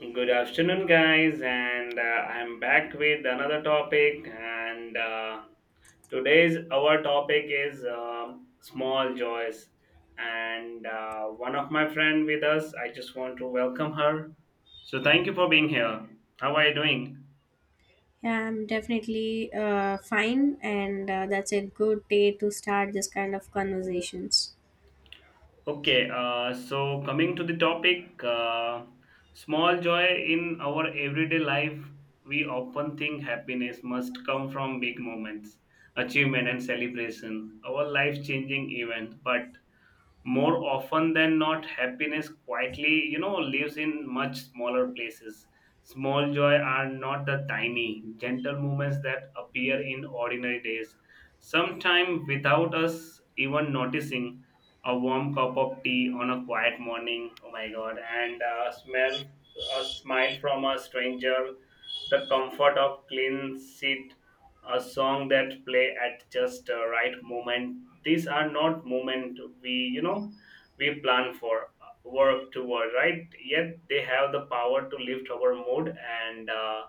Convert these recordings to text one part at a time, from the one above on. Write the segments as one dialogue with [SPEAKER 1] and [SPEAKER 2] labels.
[SPEAKER 1] Good afternoon, guys, and I'm back with another topic. And Today's our topic is small joys. And One of my friend with us, I just want to welcome her. So thank you for being here. How are you doing?
[SPEAKER 2] Yeah, I'm definitely fine, and that's a good day to start this kind of conversations.
[SPEAKER 1] Okay, so coming to the topic, small joy in our everyday life, we often think happiness must come from big moments, achievement, and celebration, our life changing event. But more often than not, happiness quietly lives in much smaller places. Small joy are not the tiny gentle moments that appear in ordinary days, sometimes without us even noticing. A warm cup of tea on a quiet morning, oh my god, and a smell, a smile from a stranger, the comfort of clean seat, a song that play at just the right moment. These are not moment we we plan for, work toward, right? Yet they have the power to lift our mood and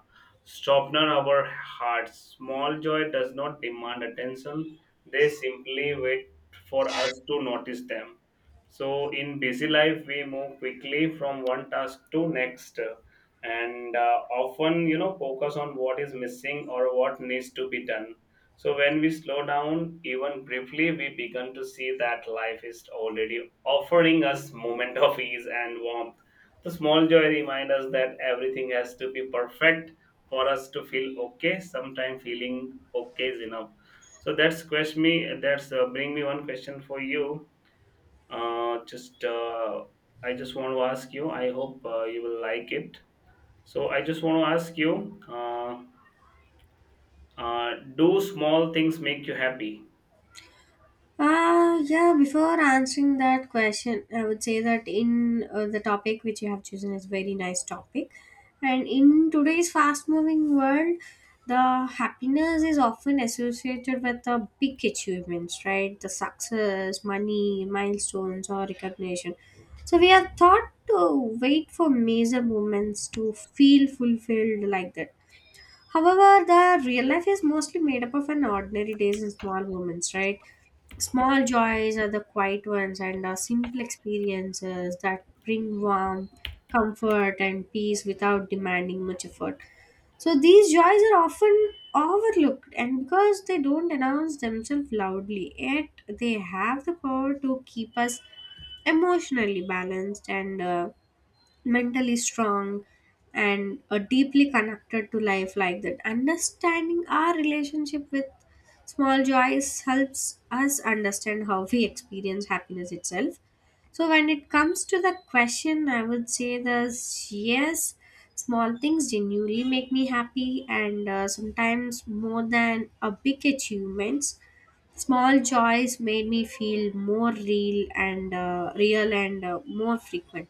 [SPEAKER 1] soften our hearts. Small joy does not demand attention, they simply wait for us to notice them. So in busy life we move quickly from one task to next, and often, you know, focus on what is missing or what needs to be done. So when we slow down, even briefly, we begin to see that life is already offering us moment of ease and warmth. The small joy remind us that everything has to be perfect for us to feel okay. Sometimes feeling okay is enough. So that's question me, that's bring me one question for you. Uh, just uh, i just want to ask you, I hope you will like it. So I just want to ask you, uh, do small things make you happy?
[SPEAKER 2] Yeah, before answering that question, I would say that in the topic which you have chosen is very nice topic. And in today's fast moving world, the happiness is often associated with the big achievements, right? The success, money, milestones, or recognition. So we are taught to wait for major moments to feel fulfilled like that. However, the real life is mostly made up of an ordinary days and small moments, right? Small joys are the quiet ones and are simple experiences that bring warmth, comfort, and peace without demanding much effort. So these joys are often overlooked, and because they don't announce themselves loudly, yet they have the power to keep us emotionally balanced and mentally strong and deeply connected to life like that. Understanding our relationship with small joys helps us understand how we experience happiness itself. So when it comes to the question, I would say this: yes, small things genuinely make me happy, and sometimes more than a big achievements. Small joys made me feel more real and more frequent.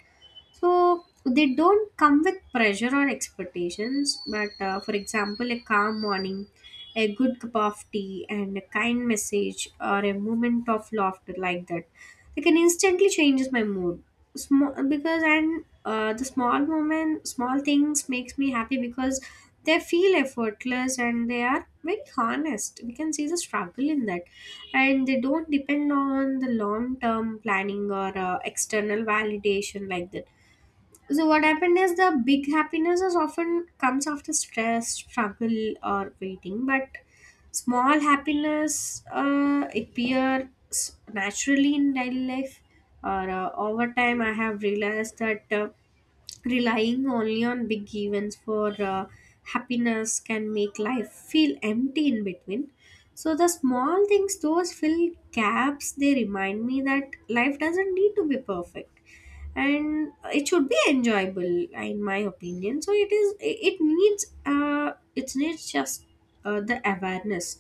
[SPEAKER 2] So they don't come with pressure or expectations, but for example, a calm morning, a good cup of tea, and a kind message or a moment of laughter like that, they can instantly change my mood. Small because and the small moment, small things makes me happy because they feel effortless and they are very honest. We can see the struggle in that, and they don't depend on the long term planning or external validation like that. So what happened is the big happiness is often comes after stress struggle or waiting, but small happiness appears naturally in daily life. Or over time, I have realized that relying only on big events for happiness can make life feel empty in between. So the small things those fill gaps, they remind me that life doesn't need to be perfect and it should be enjoyable, in my opinion. So it is, it needs it needs just the awareness.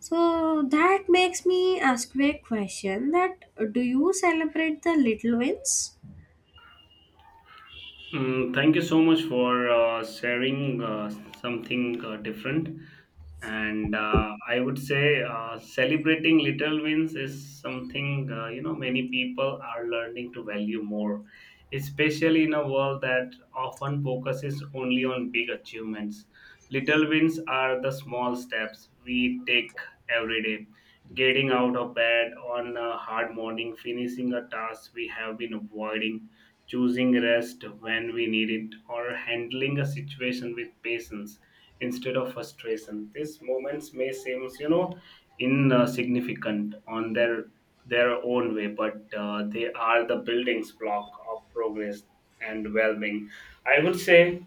[SPEAKER 2] So that makes me ask you a question that do you celebrate the little wins?
[SPEAKER 1] Mm, thank you so much for sharing something different. And I would say, celebrating little wins is something, you know, many people are learning to value more, especially in a world that often focuses only on big achievements. Little wins are the small steps we take every day: getting out of bed on a hard morning, finishing a task we have been avoiding, choosing rest when we need it, or handling a situation with patience instead of frustration. These moments may seem, you know, insignificant on their own way, but they are the building's block of progress and well-being. I would say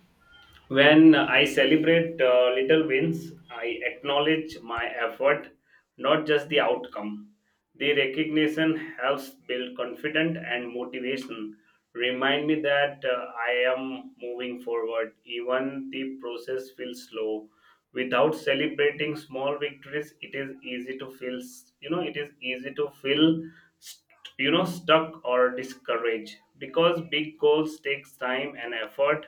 [SPEAKER 1] when I celebrate little wins, I acknowledge my effort, not just the outcome. The recognition helps build confidence and motivation. Remind me that I am moving forward, even the process feels slow. Without celebrating small victories, it is easy to feel, it is easy to feel, st- stuck or discouraged because big goals takes time and effort.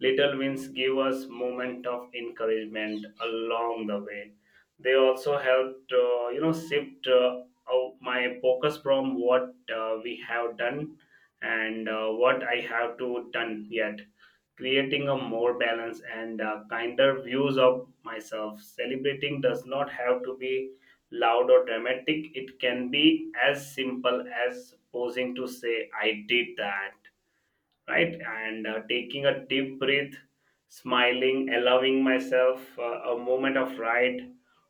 [SPEAKER 1] Little wins give us moment of encouragement along the way. They also helped, you know, shift out my focus from what we have done and what I have to done yet, creating a more balanced and kinder views of myself. Celebrating does not have to be loud or dramatic. It can be as simple as posing to say, "I did that." Right? And taking a deep breath, smiling, allowing myself a moment of right.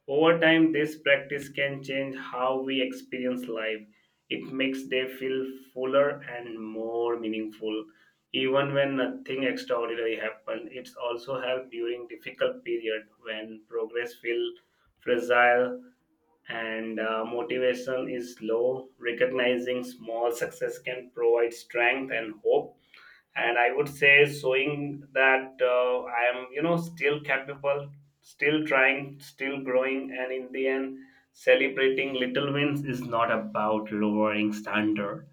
[SPEAKER 1] Over time, this practice can change how we experience life. It makes day feel fuller and more meaningful. Even when nothing extraordinary happened, it's also helped during difficult period when progress feel fragile and motivation is low. Recognizing small success can provide strength and hope, and I would say showing that I am, you know, still capable, still trying, still growing. And in the end, celebrating little wins is not about lowering standards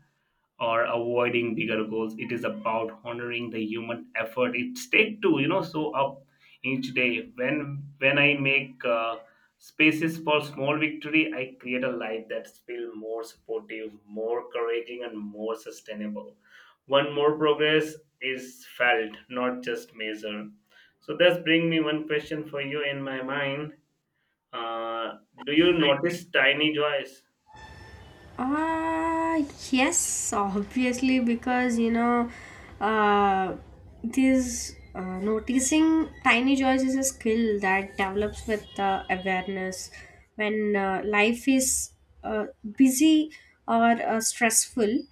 [SPEAKER 1] or avoiding bigger goals. It is about honoring the human effort it's take to, you know, show up each day. When I make spaces for small victory, I create a life that's feel more supportive, more encouraging, and more sustainable. One more progress is felt, not just measured. So that's bring me one question for you in my mind. uh, do you notice tiny joys?
[SPEAKER 2] Uh, yes, obviously, because uh, this noticing tiny joys is a skill that develops with awareness. When life is uh, busy or stressful,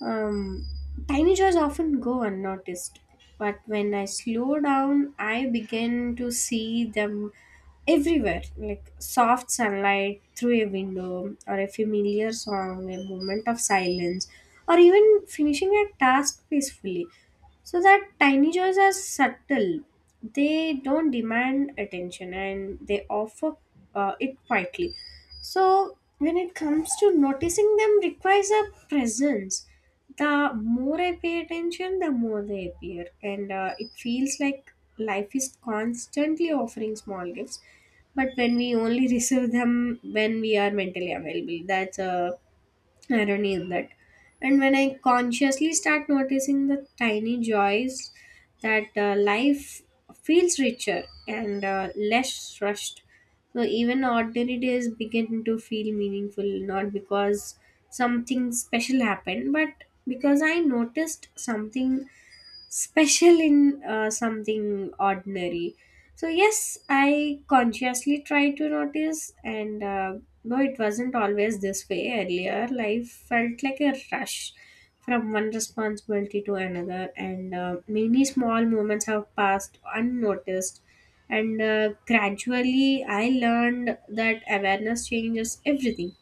[SPEAKER 2] um, tiny joys often go unnoticed, but when I slow down, I begin to see them everywhere, like soft sunlight through a window, or a familiar song, a moment of silence, or even finishing a task peacefully. So that tiny joys are subtle, they don't demand attention and they offer it quietly. So, when it comes to noticing them requires a presence. The more I pay attention, the more they appear, and it feels like life is constantly offering small gifts. But when we only receive them when we are mentally available, that's a irony in that. And when I consciously start noticing the tiny joys, that life feels richer and less rushed. So even ordinary days begin to feel meaningful, not because something special happened, but because I noticed something special in something ordinary. So, yes, I consciously try to notice, and though it wasn't always this way earlier, life felt like a rush from one responsibility to another, and many small moments have passed unnoticed. And gradually, I learned that awareness changes everything.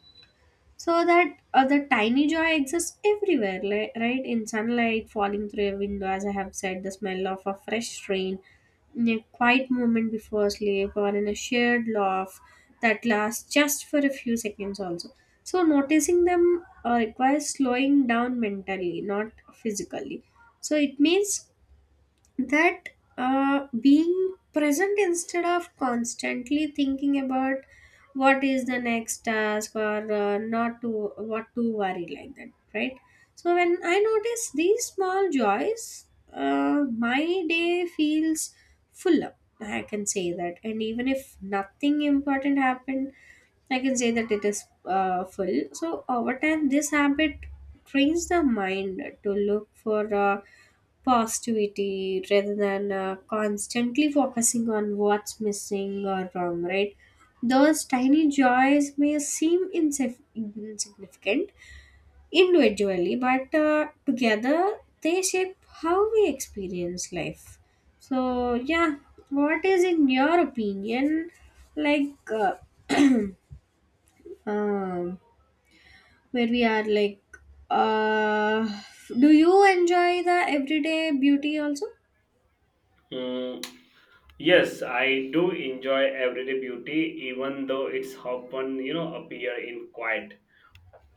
[SPEAKER 2] So that the tiny joy exists everywhere, right in sunlight falling through a window, as I have said, the smell of a fresh rain, in a quiet moment before sleep, or in a shared laugh that lasts just for a few seconds also. So noticing them requires slowing down mentally, not physically. So it means that being present instead of constantly thinking about what is the next task or not to what to worry like that, right? So when I notice these small joys, my day feels full up, I can say that, and even if nothing important happened, I can say that it is full. So over time this habit trains the mind to look for positivity rather than constantly focusing on what's missing or wrong, right? Those tiny joys may seem insignificant individually, but together they shape how we experience life. So, yeah, what is in your opinion, like uh, um, where we are like, uh, do you enjoy the everyday beauty also?
[SPEAKER 1] Hmm, yes, I do enjoy everyday beauty, even though it's often, you know, appear in quiet,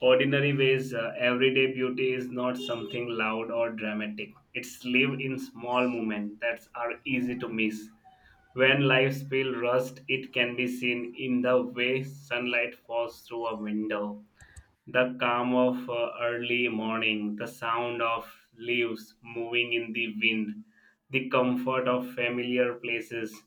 [SPEAKER 1] ordinary ways. Everyday beauty is not something loud or dramatic. It's live in small moments that are easy to miss. When lives feel rushed, it can be seen in the way sunlight falls through a window, the calm of early morning, the sound of leaves moving in the wind, the comfort of familiar places.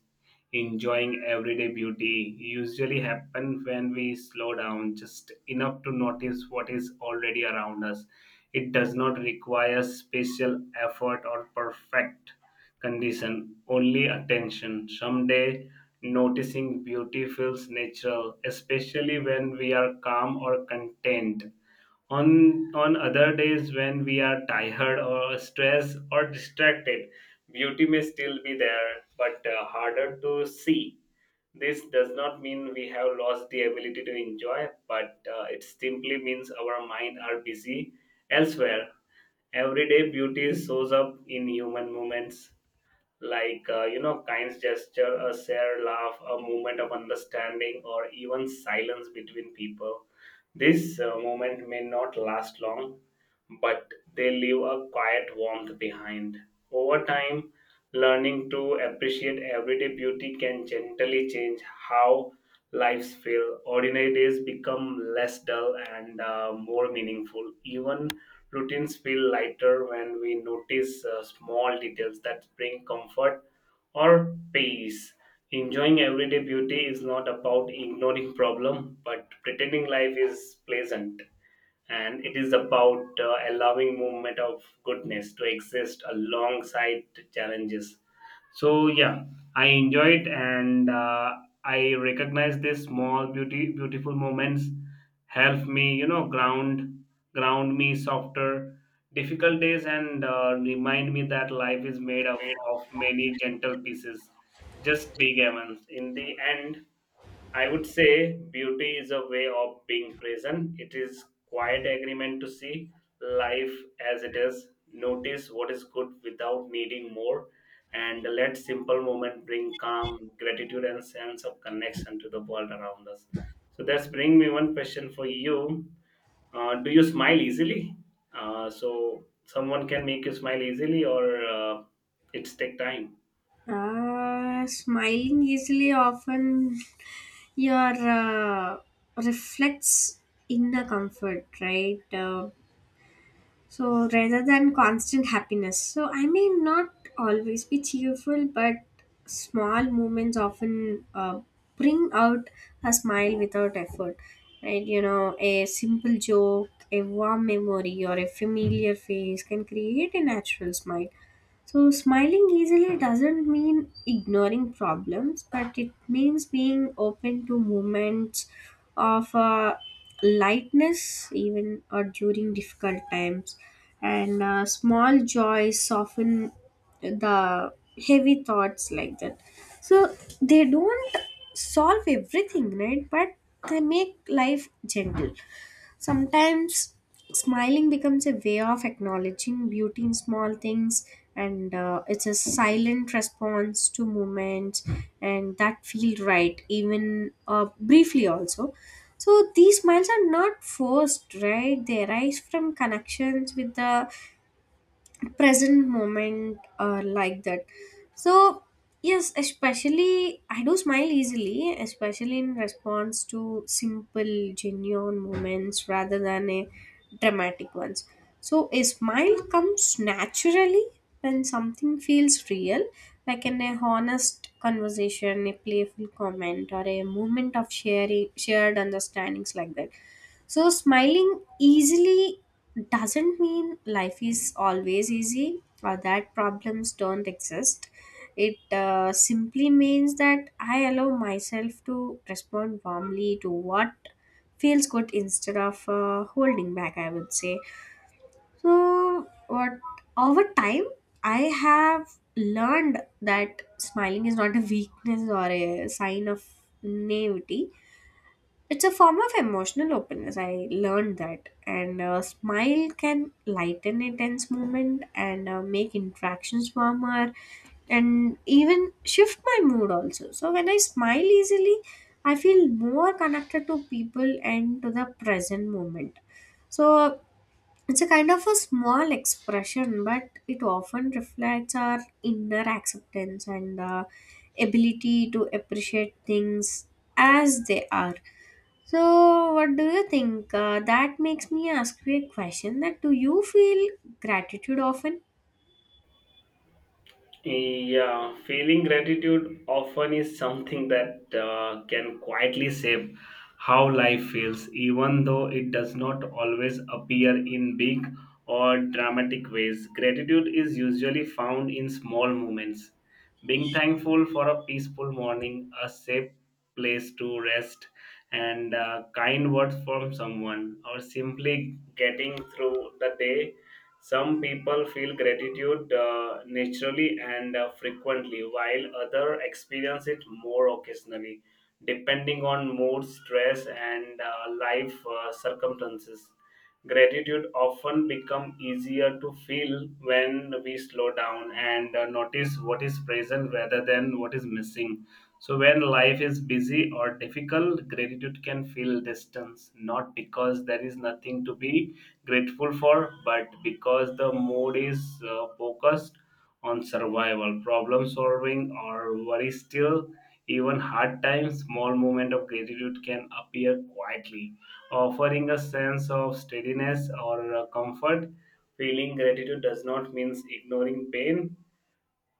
[SPEAKER 1] Enjoying everyday beauty usually happen when we slow down just enough to notice what is already around us. It does not require special effort or perfect condition, only attention. Someday noticing beauty feels natural, especially when we are calm or content. On other days when we are tired or stressed or distracted, beauty may still be there, but harder to see. This does not mean we have lost the ability to enjoy, but it simply means our mind are busy elsewhere. Everyday beauty shows up in human moments like, you know, kind gesture, a shared laugh, a moment of understanding, or even silence between people. This moment may not last long, but they leave a quiet warmth behind. Over time, learning to appreciate everyday beauty can gently change how lives feel. Ordinary days become less dull and more meaningful, even Routines feel lighter when we notice small details that bring comfort or peace. Enjoying everyday beauty is not about ignoring problem, but pretending life is pleasant. And it is about allowing movement of goodness to exist alongside challenges. So yeah, I enjoy it, and I recognize these small, beauty, beautiful moments help me, you know, ground me softer, difficult days, and remind me that life is made of many gentle pieces, just big events. In the end, I would say beauty is a way of being present. It is quiet agreement to see life as it is, notice what is good without needing more, and let simple moment bring calm, gratitude, and sense of connection to the world around us. So that's bring me one question for you. Do you smile easily? So someone can make you smile easily, or it's take time.
[SPEAKER 2] Smiling easily often your reflects inner comfort, right? So rather than constant happiness. So I may not always be cheerful, but small moments often bring out a smile without effort, right? You know, a simple joke, a warm memory, or a familiar face can create a natural smile. So, smiling easily doesn't mean ignoring problems, but it means being open to moments of lightness, even or during difficult times. And small joys soften the heavy thoughts like that. So, they don't solve everything, right? But they make life gentle. Sometimes smiling becomes a way of acknowledging beauty in small things, and it's a silent response to moments, and that feel right, even briefly also. So these smiles are not forced, right? They arise from connections with the present moment or like that. So yes, especially I do smile easily, especially in response to simple genuine moments rather than a dramatic ones. So a smile comes naturally when something feels real, like in a honest conversation, a playful comment, or a moment of sharing shared understandings like that. So smiling easily doesn't mean life is always easy or that problems don't exist. It simply means that I allow myself to respond warmly to what feels good instead of holding back, I would say. So, what over time, I have learned that smiling is not a weakness or a sign of naivety. It's a form of emotional openness. I learned that. And a smile can lighten a tense moment and make interactions warmer and even shift my mood also. So when I smile easily, I feel more connected to people and to the present moment. So it's a kind of a small expression, but it often reflects our inner acceptance and ability to appreciate things as they are. So, what do you think? That makes me ask you a question that do you feel gratitude often?
[SPEAKER 1] Yeah, feeling gratitude often is something that can quietly shape how life feels, even though it does not always appear in big or dramatic ways. Gratitude is usually found in small moments. Being thankful for a peaceful morning, a safe place to rest, and kind words from someone, or simply getting through the day. Some people feel gratitude naturally and frequently, while others experience it more occasionally, depending on mood, stress, and life circumstances. Gratitude often become easier to feel when we slow down and notice what is present rather than what is missing. So when life is busy or difficult, gratitude can feel distance, not because there is nothing to be grateful for, but because the mood is focused on survival, problem solving, or worry. Still, even hard times, small moment of gratitude can appear quietly, offering a sense of steadiness or comfort. Feeling gratitude does not mean ignoring pain,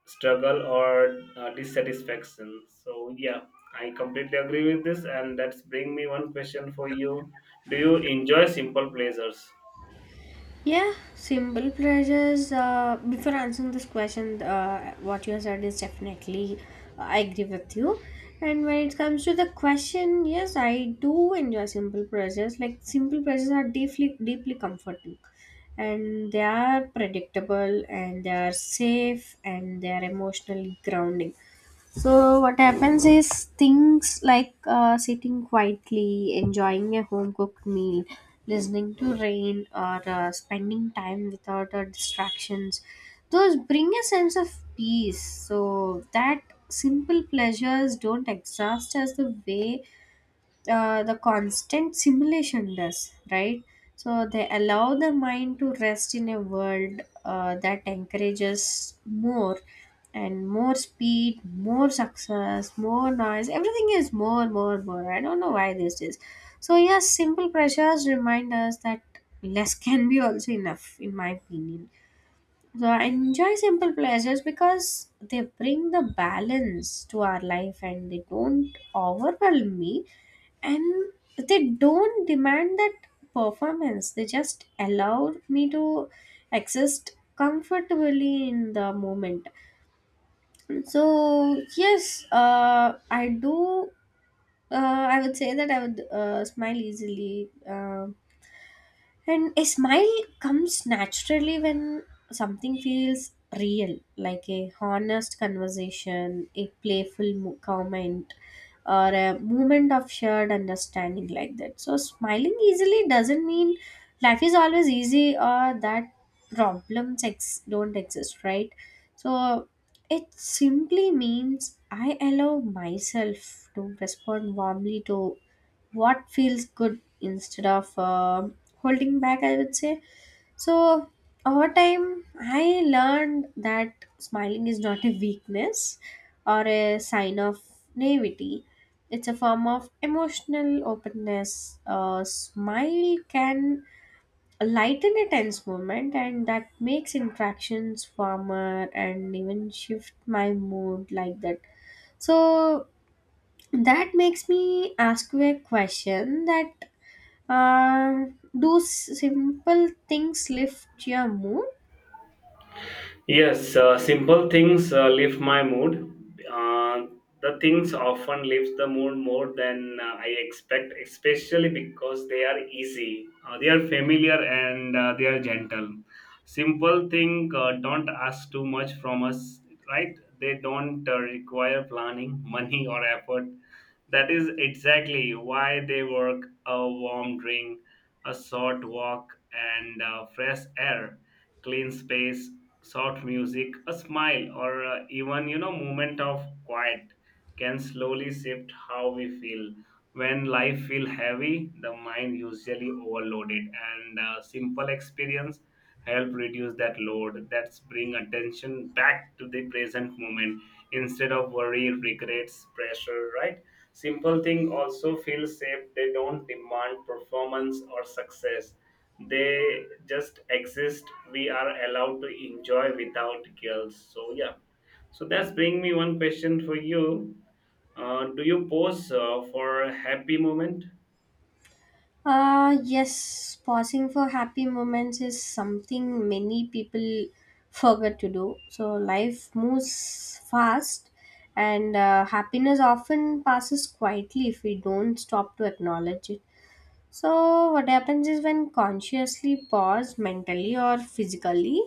[SPEAKER 1] struggle, or dissatisfaction. So, yeah, I completely agree with this, and that's bring me one question for you. Do you enjoy simple pleasures?
[SPEAKER 2] Yeah, simple pleasures. Before answering this question, what you said is definitely, I agree with you. And when it comes to the question, yes, I do enjoy simple pleasures. Like simple pleasures are deeply, deeply comforting, and they are predictable, and they are safe, and they are emotionally grounding. So what happens is things like sitting quietly, enjoying a home cooked meal, listening to rain, or spending time without distractions. Those bring a sense of peace. So that simple pleasures don't exhaust us the way the constant simulation does, right? So they allow the mind to rest in a world that encourages more and more speed, more success, more noise. Everything is more, more, more. I don't know why this is. So yes, simple pressures remind us that less can be also enough, in my opinion. So I enjoy simple pleasures because they bring the balance to our life and they don't overwhelm me and they don't demand that performance. They just allow me to exist comfortably in the moment. So yes, I do I would say that I would smile easily. And a smile comes naturally when something feels real, like a honest conversation, a playful comment, or a moment of shared understanding like that. So, smiling easily doesn't mean life is always easy or that don't exist, right? So, it simply means I allow myself to respond warmly to what feels good instead of holding back, I would say. So, over time, I learned that smiling is not a weakness or a sign of naivety. It's a form of emotional openness. A smile can lighten a tense moment and that makes interactions warmer and even shift my mood like that. So that makes me ask you a question that uh, do simple things lift your mood?
[SPEAKER 1] Yes, simple things lift my mood. Uh, the things often lift the mood more than I expect, especially because they are easy, they are familiar, and they are gentle. Simple thing don't ask too much from us, right? They don't require planning, money, or effort. That is exactly why they work. A warm drink, a short walk, and fresh air, clean space, soft music, a smile, or, even, you know, moment of quiet can slowly shift how we feel. When life feel heavy, the mind usually overloaded, and simple experience help reduce that load. That's bring attention back to the present moment instead of worry, regrets, pressure. Right? Simple thing also feel safe. They don't demand performance or success, they just exist. We are allowed to enjoy without guilt. So yeah, so that's bring me one question for you. Do you pose for a happy moment?
[SPEAKER 2] Yes, pausing for happy moments is something many people forget to do. So life moves fast, and happiness often passes quietly if we don't stop to acknowledge it. So, what happens is when consciously pause mentally or physically,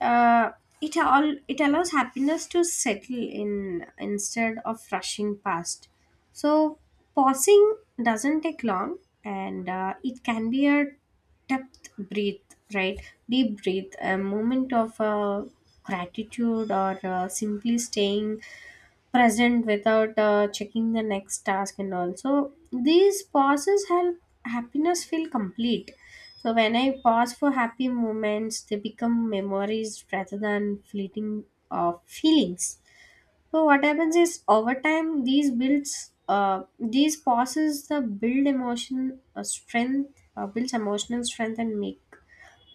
[SPEAKER 2] uh, it allows happiness to settle in instead of rushing past. So pausing doesn't take long, and it can be a depth breath right deep breath, a moment of gratitude, or simply staying present without checking the next task. And also these pauses help happiness feel complete. So when I pause for happy moments, they become memories rather than fleeting feelings. So what happens is over time these pauses the build emotion strength builds emotional strength and make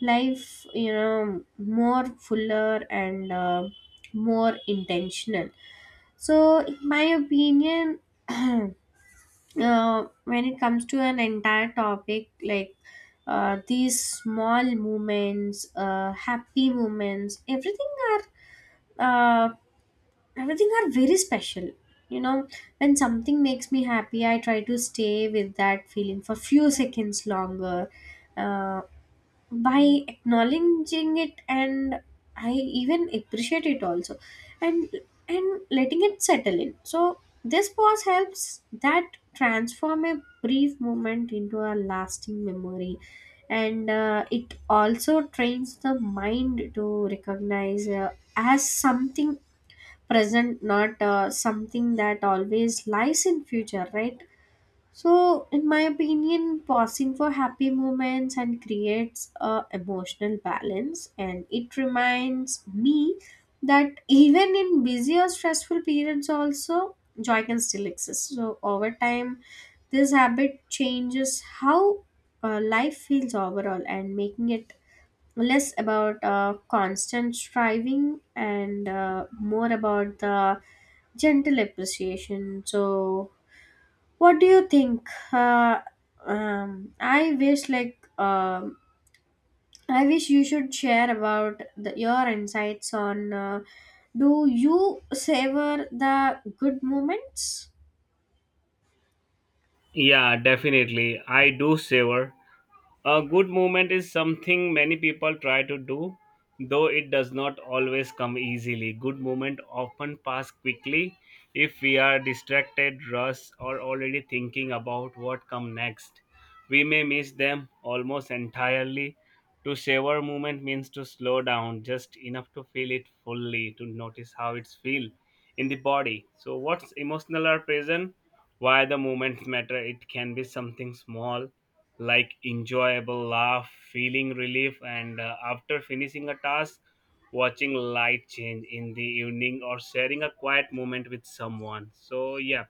[SPEAKER 2] life, you know, more fuller and more intentional. So, in my opinion, uh, when it comes to an entire topic, like these small moments, happy moments, uh, everything are very special. You know, when something makes me happy, I try to stay with that feeling for few seconds longer. Uh, by acknowledging it and I even appreciate it also and and letting it settle in. So this pause helps that transform a brief moment into a lasting memory, and it also trains the mind to recognize as something present, not something that always lies in future, right? So, in my opinion, pausing for happy moments and creates a emotional balance, and it reminds me that even in busy or stressful periods, also joy can still exist. So, over time, this habit changes how life feels overall, and making it less about constant striving and more about the gentle appreciation. So, what do you think? Uh, um, I wish like um, I wish you should share about the, your insights on do you savor the good moments?
[SPEAKER 1] Yeah, definitely. I do savor. A good movement is something many people try to do, though it does not always come easily. Good movement often pass quickly if we are distracted, rushed, or already thinking about what come next. We may miss them almost entirely. To savor movement means to slow down just enough to feel it fully, to notice how it's feel in the body. So what's emotional or present? Why the movements matter? It can be something small, like enjoyable laugh, feeling relief, and after finishing a task, watching light change in the evening or sharing a quiet moment with someone. So yeah,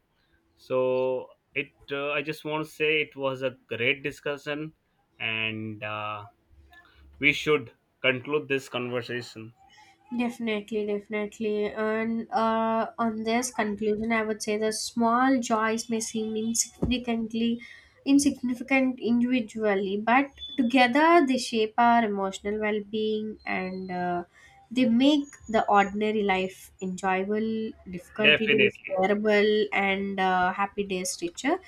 [SPEAKER 1] so it, I just want to say it was a great discussion, and we should conclude this conversation.
[SPEAKER 2] Definitely, definitely. And on this conclusion, I would say the small joys may seem insignificant individually, but together they shape our emotional well being and they make the ordinary life enjoyable, difficulty days
[SPEAKER 1] Definitely.
[SPEAKER 2] bearable, and happy days richer.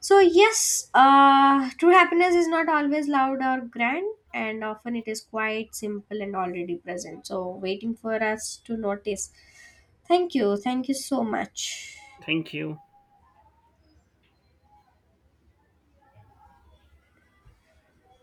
[SPEAKER 2] So, yes, true happiness is not always loud or grand, and often it is quite simple and already present. So, waiting for us to notice. Thank you. Thank you so much.
[SPEAKER 1] Thank you.